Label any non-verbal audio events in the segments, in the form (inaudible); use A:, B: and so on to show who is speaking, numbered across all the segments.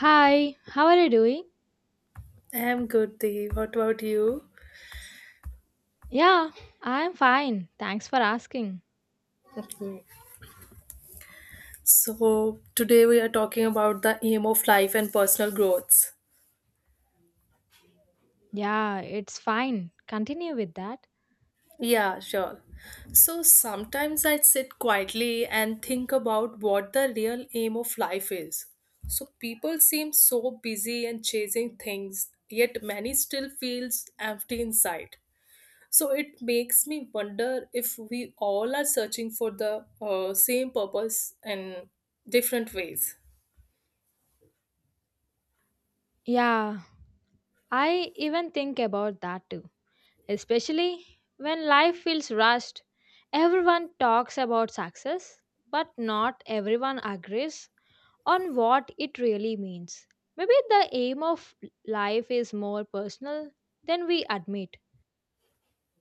A: Hi, how are you doing?
B: I'm good, Dee. What about you?
A: Yeah, I'm fine. Thanks for asking.
B: Okay. So, today we are talking about the aim of life and personal growth.
A: Yeah, it's fine. Continue with that.
B: Yeah, sure. So, sometimes I sit quietly and think about what the real aim of life is. So, people seem so busy and chasing things, yet many still feels empty inside. So, it makes me wonder if we all are searching for the same purpose in different ways.
A: Yeah, I even think about that too. Especially when life feels rushed. Everyone talks about success, but not everyone agrees on what it really means. Maybe the aim of life is more personal than we admit.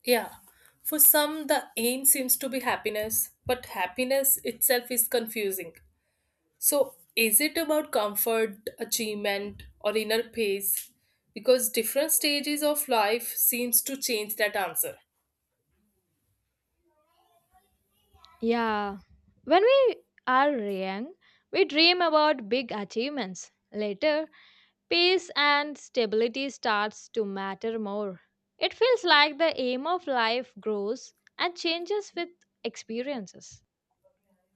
B: Yeah, for some, the aim seems to be happiness, but happiness itself is confusing. So, is it about comfort, achievement, or inner peace? Because different stages of life seems to change that answer.
A: Yeah. When we are young, we dream about big achievements. Later, peace and stability starts to matter more. It feels like the aim of life grows and changes with experiences.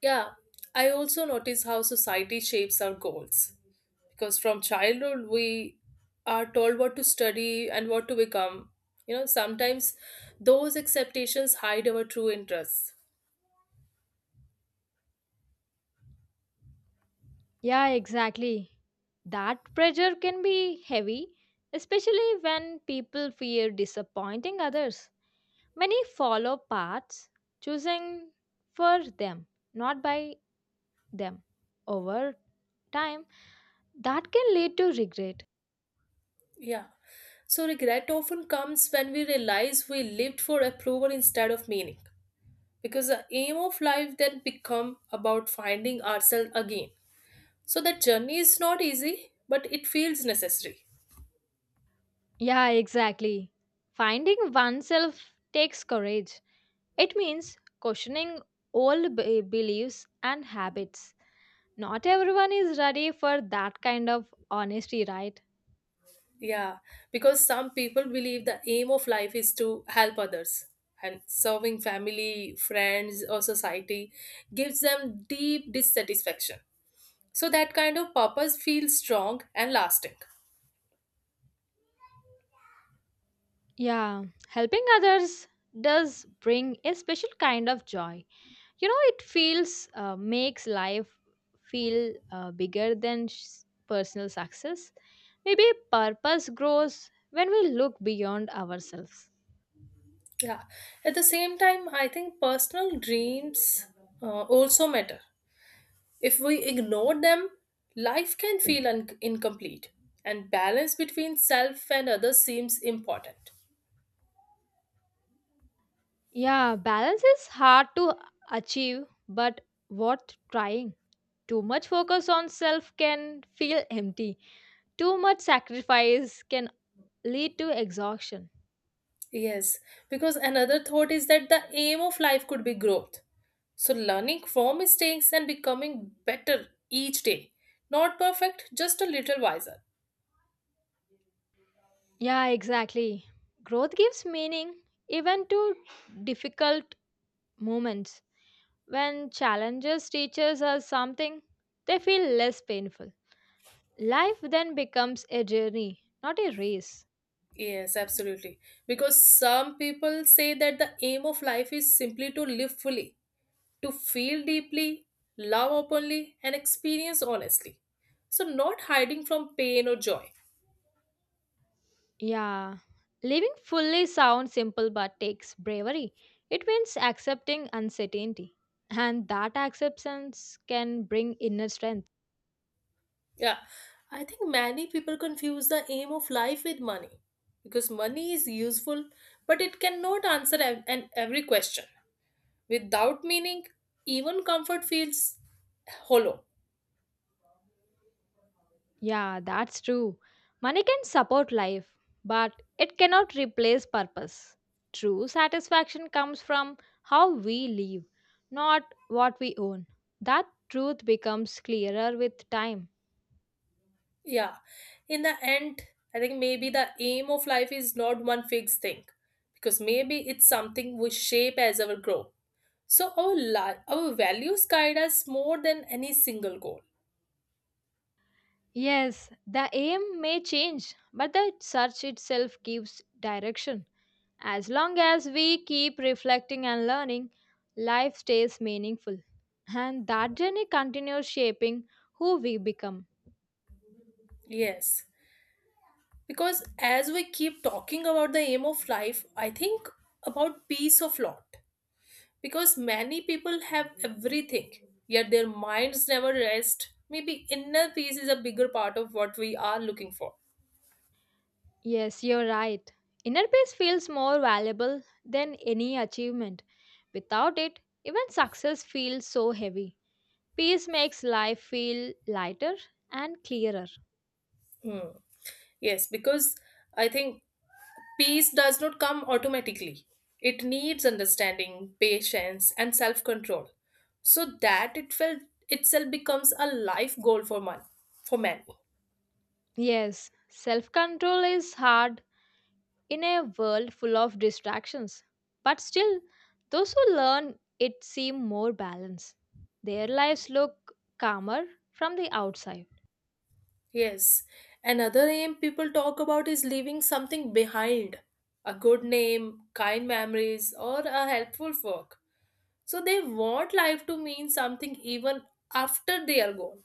B: Yeah, I also notice how society shapes our goals. Because from childhood, we are told what to study and what to become. You know, sometimes those expectations hide our true interests.
A: Yeah, exactly. That pressure can be heavy, especially when people fear disappointing others. Many follow paths choosing for them, not by them over time that can lead to regret.
B: Yeah. So regret often comes when we realize we lived for approval instead of meaning. Because the aim of life then become about finding ourselves again. So that journey is not easy, but it feels necessary.
A: Yeah, exactly. Finding oneself takes courage. It means questioning beliefs and habits. Not everyone is ready for that kind of honesty, right?
B: Yeah, because some people believe the aim of life is to help others and serving family, friends or society gives them deep dissatisfaction. So that kind of purpose feels strong and lasting.
A: Yeah, helping others does bring a special kind of joy. You know it feels makes life feel bigger than personal success. Maybe purpose grows when we look beyond ourselves.
B: Yeah. At the same time, I think personal dreams also matter. If we ignore them, life can feel incomplete, and balance between self and others seems important.
A: Yeah, balance is hard to achieve, but worth trying. Too much focus on self can feel empty. Too much sacrifice can lead to exhaustion.
B: Yes, because another thought is that the aim of life could be growth. So, learning from mistakes and becoming better each day. Not perfect, just a little wiser.
A: Yeah, exactly. Growth gives meaning even to difficult moments. When challenges teaches us something, they feel less painful. Life then becomes a journey, not a race.
B: Yes, absolutely. Because some people say that the aim of life is simply to live fully, to feel deeply, love openly, and experience honestly. So, not hiding from pain or joy.
A: Yeah. Living fully sounds simple but takes bravery. It means accepting uncertainty. And that acceptance can bring inner strength.
B: Yeah, I think many people confuse the aim of life with money because money is useful, but it cannot answer an every question. Without meaning, even comfort feels hollow.
A: Yeah, that's true. Money can support life, but it cannot replace purpose. True satisfaction comes from how we live, not what we own. That truth becomes clearer with time.
B: Yeah, in the end, I think maybe the aim of life is not one fixed thing because maybe it's something we shape as our grow. So our values guide us more than any single goal.
A: Yes, the aim may change, but the search itself gives direction. As long as we keep reflecting and learning, life stays meaningful. And that journey continues shaping who we become.
B: Yes, because as we keep talking about the aim of life, I think about peace of lot. Because many people have everything, yet their minds never rest. Maybe inner peace is a bigger part of what we are looking for.
A: Yes, you're right. Inner peace feels more valuable than any achievement. Without it, even success feels so heavy. Peace makes life feel lighter and clearer.
B: Hmm. Yes, because I think peace does not come automatically. It needs understanding, patience, and self control. So that it felt itself becomes a life goal for man, for man.
A: Yes, self control is hard in a world full of distractions. But still, those who learn it seem more balanced. Their lives look calmer from the outside.
B: Yes. Another aim people talk about is leaving something behind. A good name, kind memories, or a helpful work. So they want life to mean something even after they are gone.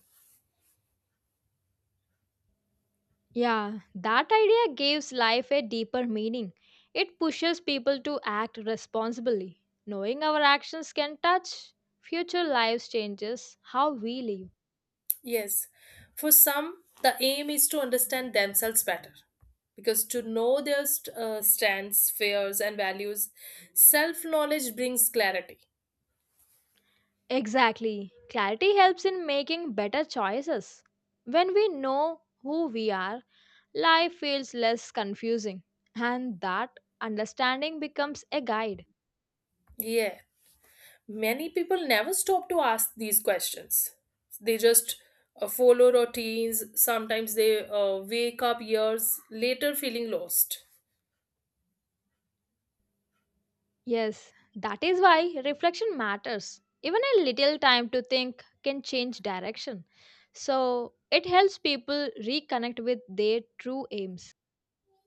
A: Yeah, that idea gives life a deeper meaning. It pushes people to act responsibly. Knowing our actions can touch future lives changes how we live.
B: Yes, for some, the aim is to understand themselves better because to know their strengths, fears, and values, self knowledge brings clarity.
A: Exactly. Clarity helps in making better choices. When we know who we are, life feels less confusing, and that understanding becomes a guide.
B: Yeah, many people never stop to ask these questions. They just follow routines, sometimes they wake up years later feeling lost.
A: Yes, that is why reflection matters. Even a little time to think can change direction. So it helps people reconnect with their true aims.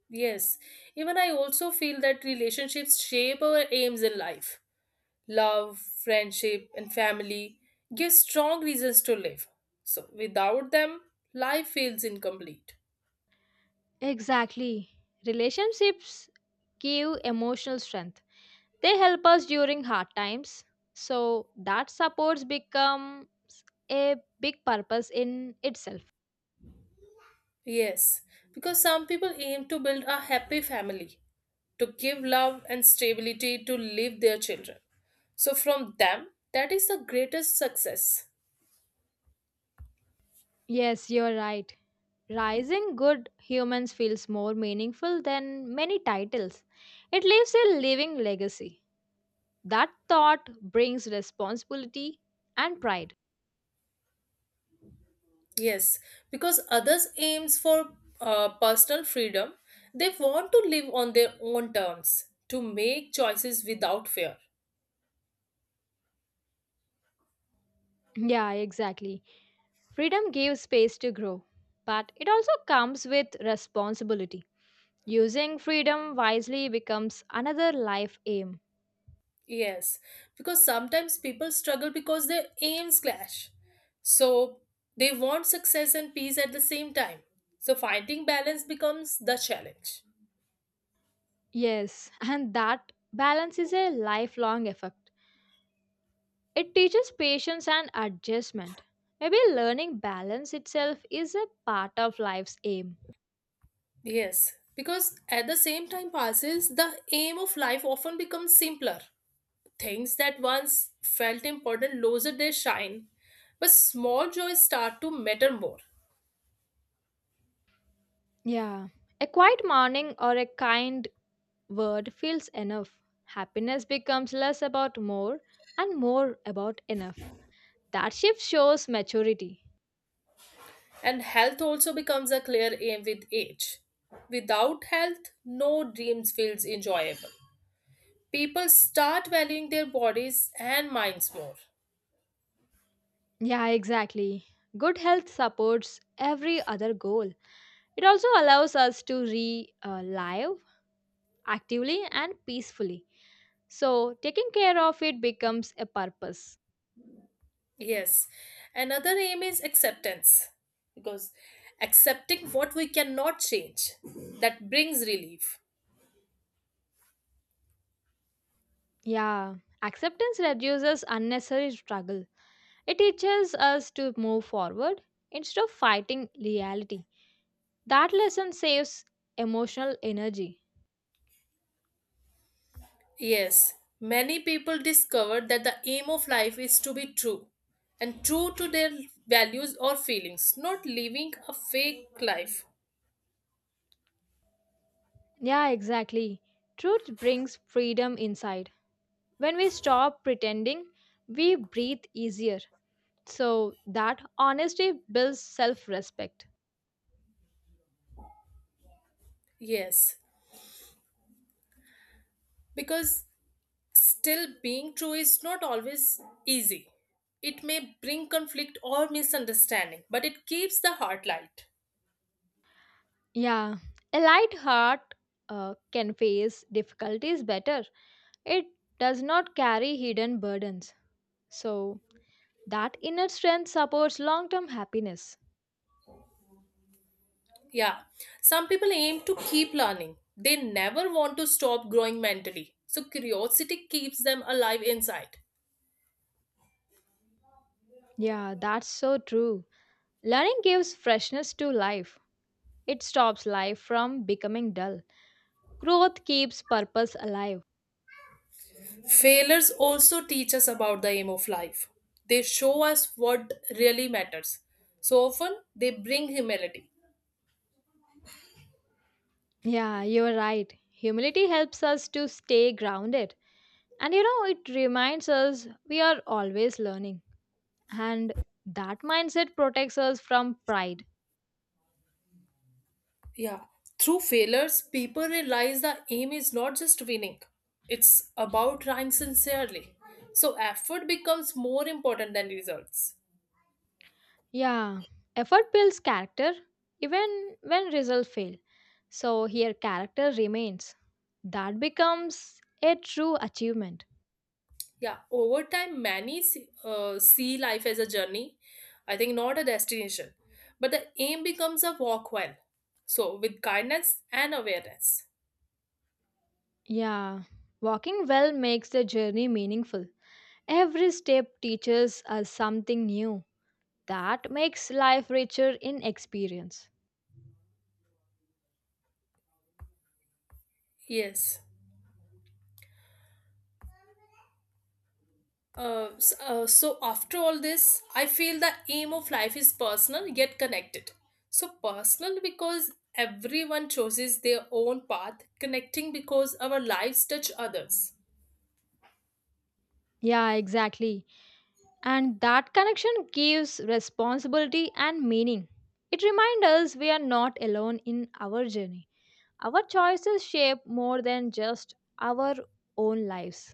B: Yes, even I also feel that relationships shape our aims in life love, friendship, and family give strong reasons to live. So, without them, life feels incomplete.
A: Exactly. Relationships give emotional strength. They help us during hard times. So that supports becomes a big purpose in itself.
B: Yes, because some people aim to build a happy family, to give love and stability to live their children. So, from them, that is the greatest success.
A: Yes, you're right. Rising Good Humans feels more meaningful than many titles. It leaves a living legacy. That thought brings responsibility and pride.
B: Yes, because others aims for personal freedom, they want to live on their own terms, to make choices without fear.
A: Yeah, exactly. Freedom gives space to grow, but it also comes with responsibility. Using freedom wisely becomes another life aim.
B: Yes, because sometimes people struggle because their aims clash. So they want success and peace at the same time. So finding balance becomes the challenge.
A: Yes, (laughs) and that balance is a lifelong effort. It teaches patience and adjustment. Maybe learning balance itself is a part of life's aim.
B: Yes, because at the same time passes, the aim of life often becomes simpler. Things that once felt important lose their shine, but small joys start to matter more.
A: Yeah. A quiet morning or a kind word feels enough. Happiness becomes less about more and more about enough. That shift shows maturity.
B: And health also becomes a clear aim with age. Without health, no dreams feels enjoyable. People start valuing their bodies and minds more.
A: Yeah, exactly. Good health supports every other goal. It also allows us to re live actively and peacefully. So, taking care of it becomes a purpose.
B: Yes. Another aim is acceptance because accepting what we cannot change that brings relief.
A: Yeah, acceptance reduces unnecessary struggle. It teaches us to move forward instead of fighting reality. That lesson saves emotional energy.
B: Yes. Many people discover that the aim of life is to be true and true to their values or feelings, not living a fake life.
A: Yeah, exactly. Truth brings freedom inside. When we stop pretending, we breathe easier. So that honesty builds self respect.
B: Yes. Because still, being true is not always easy. It may bring conflict or misunderstanding, but it keeps the heart light.
A: Yeah, a light heart can face difficulties better. It does not carry hidden burdens. So, that inner strength supports long term happiness.
B: Yeah, some people aim to keep learning, they never want to stop growing mentally. So, curiosity keeps them alive inside.
A: Yeah, that's so true. Learning gives freshness to life, it stops life from becoming dull. Growth keeps purpose alive.
B: Failures also teach us about the aim of life. They show us what really matters. So often, they bring humility.
A: Yeah, you're right. Humility helps us to stay grounded. And you know, it reminds us we are always learning. And that mindset protects us from pride.
B: Yeah, through failures, people realize the aim is not just winning, it's about trying sincerely. So, effort becomes more important than results.
A: Yeah, effort builds character even when results fail. So here character remains. That becomes a true achievement.
B: Yeah, over time, many see life as a journey, I think not a destination, but the aim becomes a walk well. So, with guidance and awareness.
A: Yeah, walking well makes the journey meaningful. Every step teaches us something new. That makes life richer in experience.
B: Yes. So after all this, I feel the aim of life is personal yet connected. So personal because everyone chooses their own path, connecting because our lives touch others.
A: Yeah, exactly. And that connection gives responsibility and meaning. It reminds us we are not alone in our journey. Our choices shape more than just our own lives.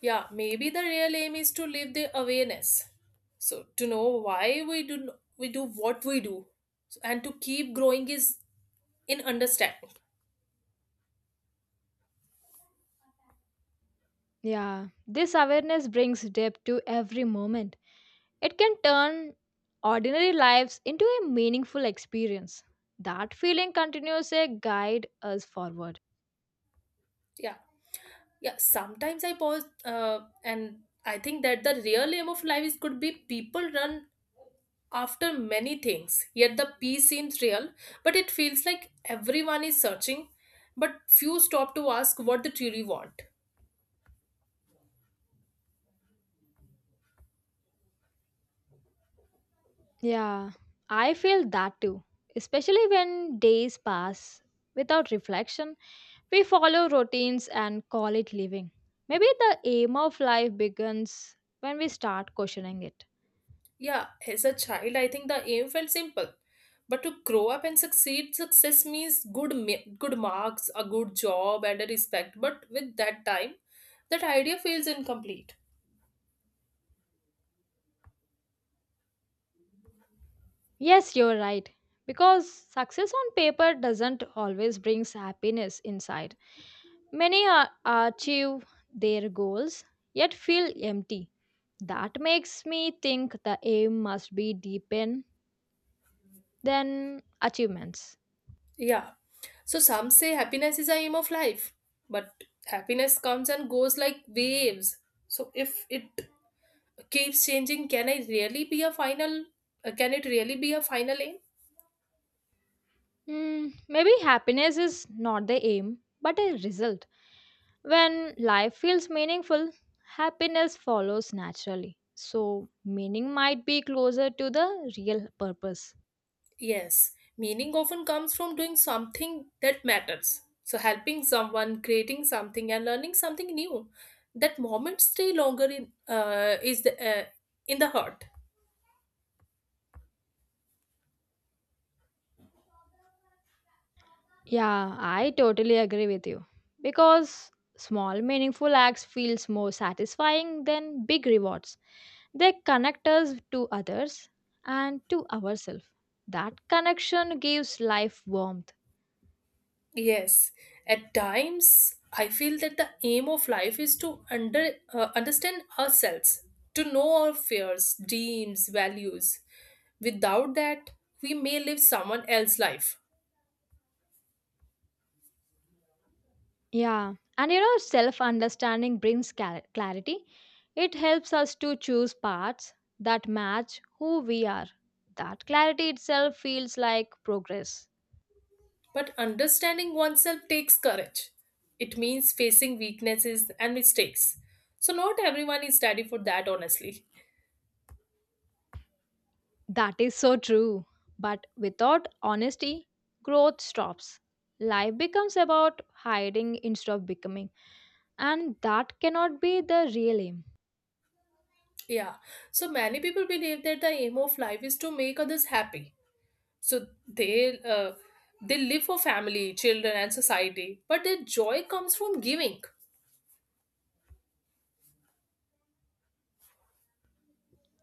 B: Yeah, maybe the real aim is to live the awareness, so to know why we do, we do what we do. So, and to keep growing is in understanding.
A: Yeah, this awareness brings depth to every moment. It can turn ordinary lives into a meaningful experience. That feeling continues to guide us forward.
B: Yeah. Yeah, sometimes I pause and I think that the real aim of life is could be people run after many things, yet the peace seems real, but it feels like everyone is searching, but few stop to ask what they truly want.
A: Yeah, I feel that too. Especially when days pass without reflection, we follow routines and call it living. Maybe the aim of life begins when we start questioning it.
B: Yeah, as a child, I think the aim felt simple. But to grow up and succeed, success means good marks, a good job, and a respect. But with that time, that idea feels incomplete.
A: Yes, you're right. Because success on paper doesn't always bring happiness inside. Many are, achieve their goals yet feel empty. That makes me think the aim must be deeper than achievements.
B: Yeah. So some say happiness is a aim of life, but happiness comes and goes like waves. So if it keeps changing can I really be a final can it really be a final aim.
A: Hmm, maybe happiness is not the aim but a result. When life feels meaningful, happiness follows naturally. So, meaning might be closer to the real purpose.
B: Yes, meaning often comes from doing something that matters, so helping someone, creating something and learning something new, that moment stay longer in the heart.
A: Yeah, I totally agree with you. Because small, meaningful acts feels more satisfying than big rewards. They connect us to others and to ourselves. That connection gives life warmth.
B: Yes, at times I feel that the aim of life is to under understand ourselves, to know our fears, dreams, values. Without that, we may live someone else's life.
A: Yeah, and you know, self understanding brings clarity. It helps us to choose paths that match who we are. That clarity itself feels like progress.
B: But understanding oneself takes courage. It means facing weaknesses and mistakes. So, not everyone is ready for that, honestly.
A: That is so true. But without honesty, growth stops. Life becomes about hiding instead of becoming, and that cannot be the real aim.
B: Yeah. So, many people believe that the aim of life is to make others happy. So, they live for family, children, and society. But their joy comes from giving.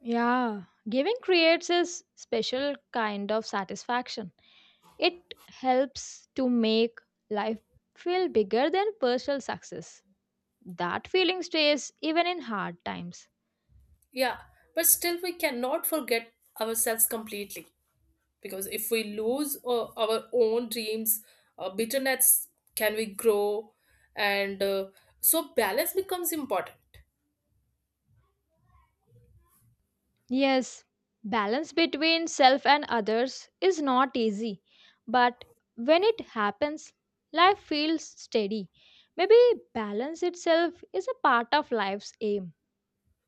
A: Yeah, giving creates a special kind of satisfaction. It helps to make life feel bigger than personal success. That feeling stays even in hard times.
B: Yeah. But still, we cannot forget ourselves completely. Because if we lose our own dreams bitterness, can we grow? And uh, so balance becomes important.
A: Yes, balance between self and others is not easy, but when it happens, life feels steady. Maybe balance itself is a part of life's aim.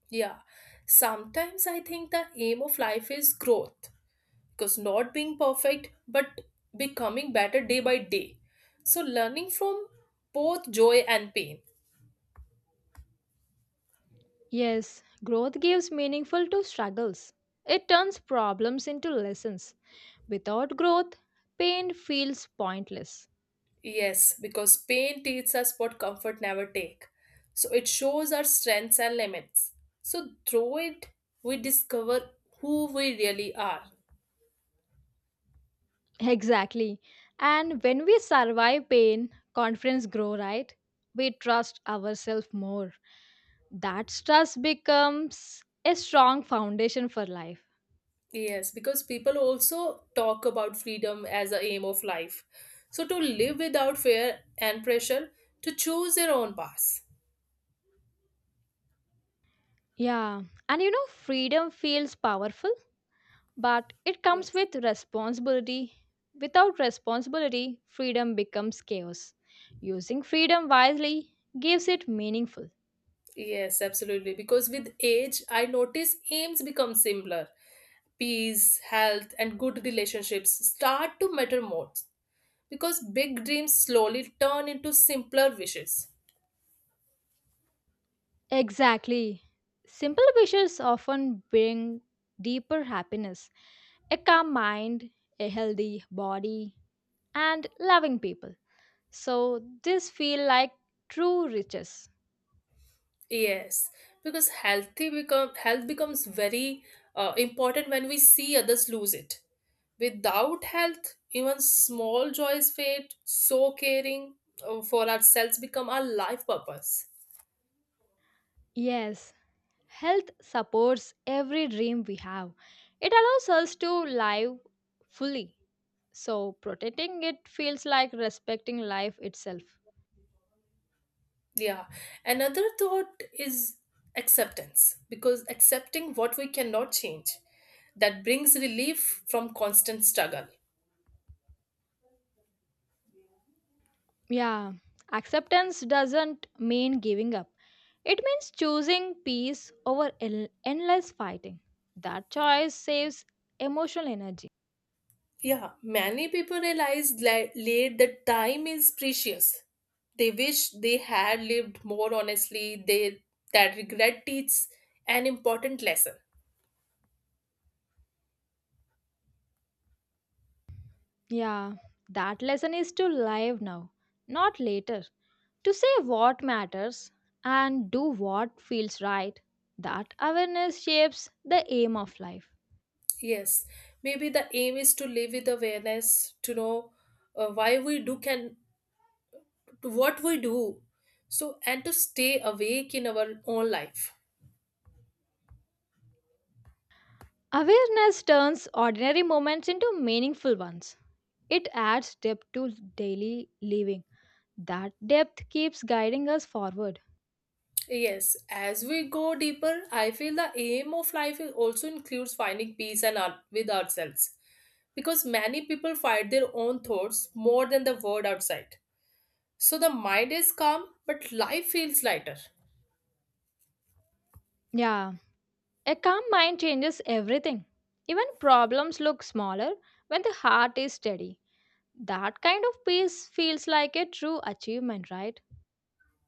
B: Yeah, sometimes I think the aim of life is growth because not being perfect but becoming better day by day, so learning from both joy and pain.
A: Yes, growth gives meaningful to struggles. It turns problems into lessons. Without growth, pain feels pointless.
B: Yes, because pain teaches us what comfort never take. So it shows our strengths and limits. So through it, we discover who we really are.
A: Exactly. And when we survive pain, confidence grow, right? We trust ourselves more. That trust becomes a strong foundation for life.
B: Yes, because people also talk about freedom as a aim of life. So to live without fear and pressure, to choose their own path.
A: Yeah. And you know, freedom feels powerful, but it comes
B: Yes.
A: with responsibility. Without responsibility, freedom becomes chaos. Using freedom wisely gives it meaningful.
B: Yes, absolutely. Because with age, I notice aims become simpler. Peace, health, and good relationships start to matter more. Because big dreams slowly turn into simpler wishes.
A: Exactly. Simple wishes often bring deeper happiness, a calm mind, a healthy body, and loving people. So, this feel like true riches.
B: Yes, because healthy become health becomes very important when we see others lose it. Without health even small joys fade, so caring for ourselves become our life purpose.
A: Yes, health supports every dream we have. It allows us to live fully. So, protecting it feels like respecting life itself.
B: Yeah, another thought is acceptance because accepting what we cannot change that brings relief from constant struggle.
A: Yeah, acceptance doesn't mean giving up. It means choosing peace over endless fighting. That choice saves emotional energy.
B: Yeah, many people realize late that time is precious. They wish they had lived more honestly. They that regret teaches an important lesson.
A: Yeah, that lesson is to live now, not later. To say what matters and do what feels right. That awareness shapes the aim of life.
B: Yes, maybe the aim is to live with awareness, to know why we do can to what we do, so and to stay awake in our own life.
A: Awareness turns ordinary moments into meaningful ones. It adds depth to daily living. That depth keeps guiding us forward.
B: Yes, as we go deeper, I feel the aim of life is also includes finding peace and our, with ourselves because many people fight their own thoughts more than the world outside. So the mind is calm, but life feels lighter.
A: Yeah, a calm mind changes everything. Even problems look smaller when the heart is steady. That kind of peace feels like a true achievement, right?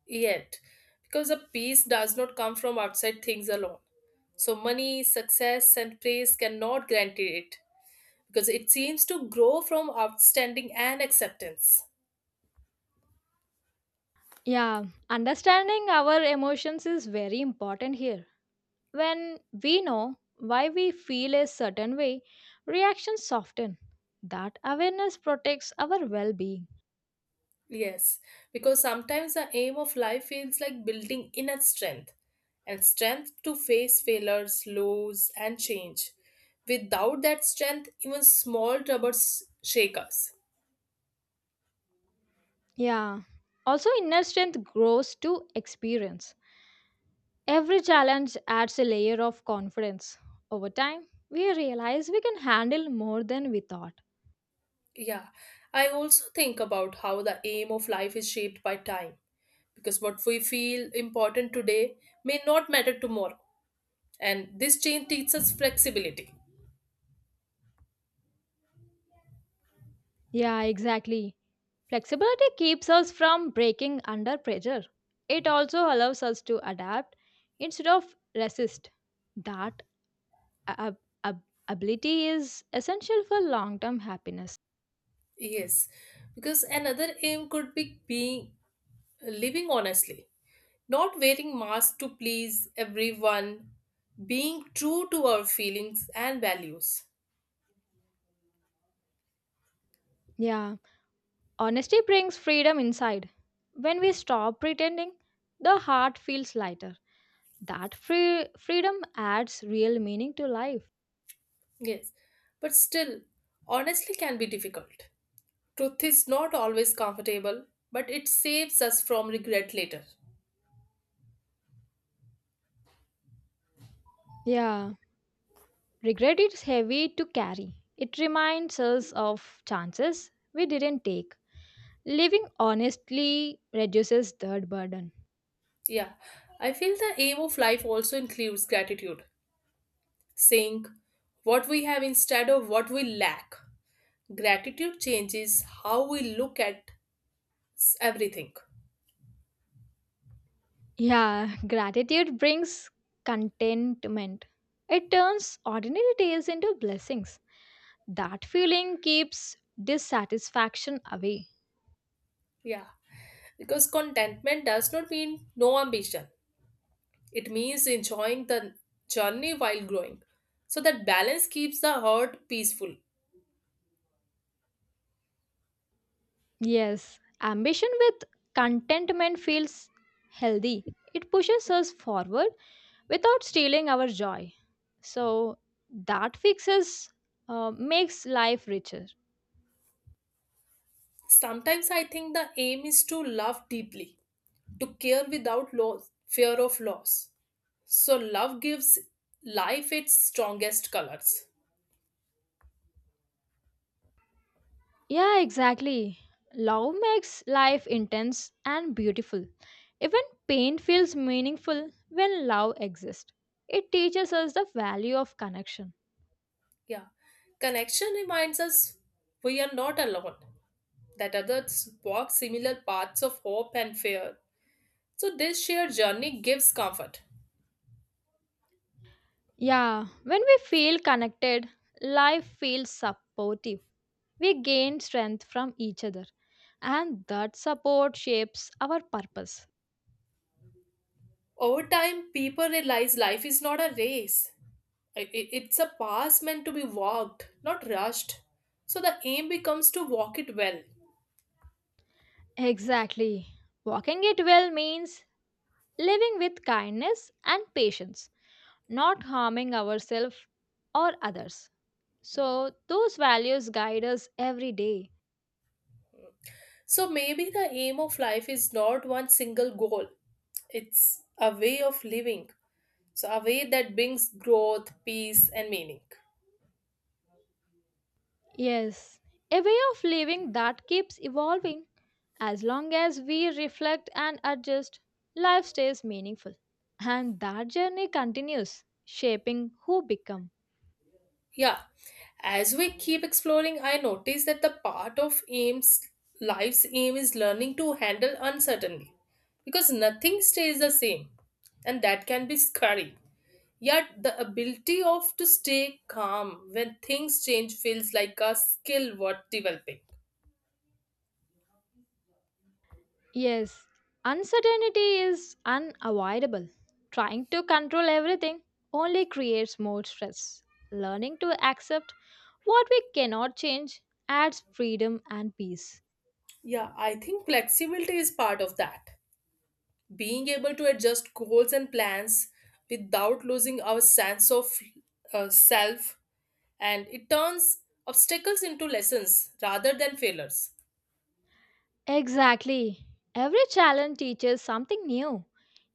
B: Yet, because the peace does not come from outside things alone. So money, success, and praise cannot guarantee it because it seems to grow from outstanding and acceptance.
A: Yeah, understanding our emotions is very important here. When we know why we feel a certain way, reactions soften. That awareness protects our well being.
B: Yes, because sometimes the aim of life feels like building inner strength and strength to face failures, lows, and change. Without that strength, even small troubles shake us.
A: Yeah, also inner strength grows to experience. Every challenge adds a layer of confidence. Over time, we realize we can handle more than we thought.
B: Yeah, I also think about how the aim of life is shaped by time because what we feel important today may not matter tomorrow. And this change teaches us flexibility.
A: Yeah, exactly. Flexibility keeps us from breaking under pressure. It also allows us to adapt instead of resist. That ab- ab- ability is essential for long term happiness.
B: Yes, because another aim could be being living honestly, not wearing masks to please everyone, being true to our feelings and values.
A: Yeah, honesty brings freedom inside. When we stop pretending, the heart feels lighter. That freedom adds real meaning to life.
B: Yes, but still, honestly can be difficult. Truth is not always comfortable, but it saves us from regret later.
A: Yeah, regret is heavy to carry. It reminds us of chances we didn't take. Living honestly reduces that burden.
B: Yeah, I feel the aim of life also includes gratitude, saying what we have instead of what we lack. Gratitude changes how we look at everything.
A: Yeah, (laughs) gratitude brings contentment. It turns ordinary days into blessings. That feeling keeps dissatisfaction away.
B: Yeah. Because contentment does not mean no ambition. It means enjoying the journey while growing. So that balance keeps the heart peaceful.
A: Yes, ambition with contentment feels healthy. It pushes us forward without stealing our joy. So that makes life richer.
B: Sometimes I think the aim is to love deeply, to care without loss, fear of loss. So love gives life its strongest colors.
A: Yeah, exactly. Love makes life intense and beautiful. Even pain feels meaningful when love exists. It teaches us the value of connection.
B: Yeah. Connection reminds us we are not alone, that others walk similar paths of hope and fear. So this shared journey gives comfort.
A: Yeah, when we feel connected, life feels supportive. We gain strength from each other, and that support shapes our purpose.
B: Over time, people realize life is not a race. It's a path meant to be walked, not rushed. So the aim becomes to walk it well.
A: Exactly. Walking it well means living with kindness and patience, not harming ourselves or others. So, those values guide us every day.
B: So maybe the aim of life is not one single goal. It's a way of living. So a way that brings growth, peace, and meaning.
A: Yes, a way of living that keeps evolving. As long as we reflect and adjust, life stays meaningful. And that journey continues, shaping who become.
B: Yeah, as we keep exploring, I notice that the part of aims life's aim is learning to handle uncertainty because nothing stays the same, and that can be scary. Yet the ability of to stay calm when things change feels like a skill worth developing.
A: Yes, uncertainty is unavoidable. Trying to control everything only creates more stress. Learning to accept what we cannot change adds freedom and peace.
B: Yeah, I think flexibility is part of that. Being able to adjust goals and plans without losing our sense of self, and it turns obstacles into lessons rather than failures.
A: Exactly. Every challenge teaches something new.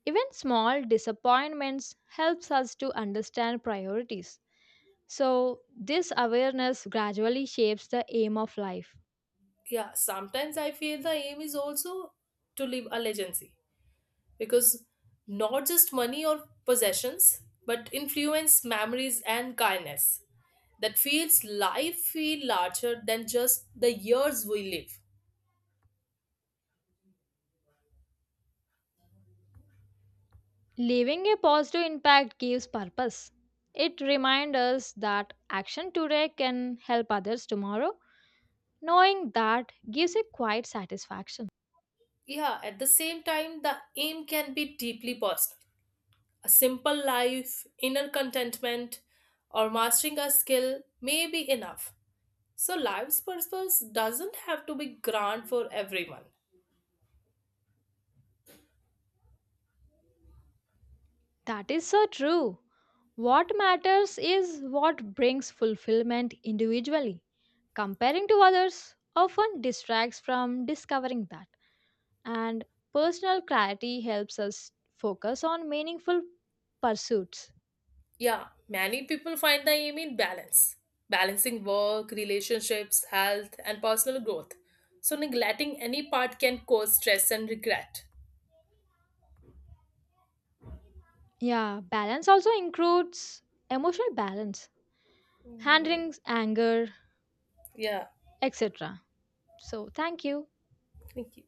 A: Even small disappointments helps us to understand priorities. So, this awareness gradually shapes the aim of life.
B: Yeah, sometimes I feel the aim is also to leave a legacy because not just money or possessions, but influence, memories, and kindness that feels life feel larger than just the years we live.
A: Leaving a positive impact gives purpose. It reminds us that action today can help others tomorrow. Knowing that gives a quiet satisfaction.
B: Yeah, at the same time, the aim can be deeply personal. A simple life, inner contentment, or mastering a skill may be enough. So, life's purpose doesn't have to be grand for everyone.
A: That is so true. What matters is what brings fulfillment individually. Comparing to others often distracts from discovering that. And personal clarity helps us focus on meaningful pursuits.
B: Yeah, many people find the aim in balance, balancing work, relationships, health, and personal growth. So, neglecting any part can cause stress and regret.
A: Yeah, balance also includes emotional balance.
B: Mm,
A: Handling anger,
B: yeah,
A: etc. So, thank you.
B: thank you.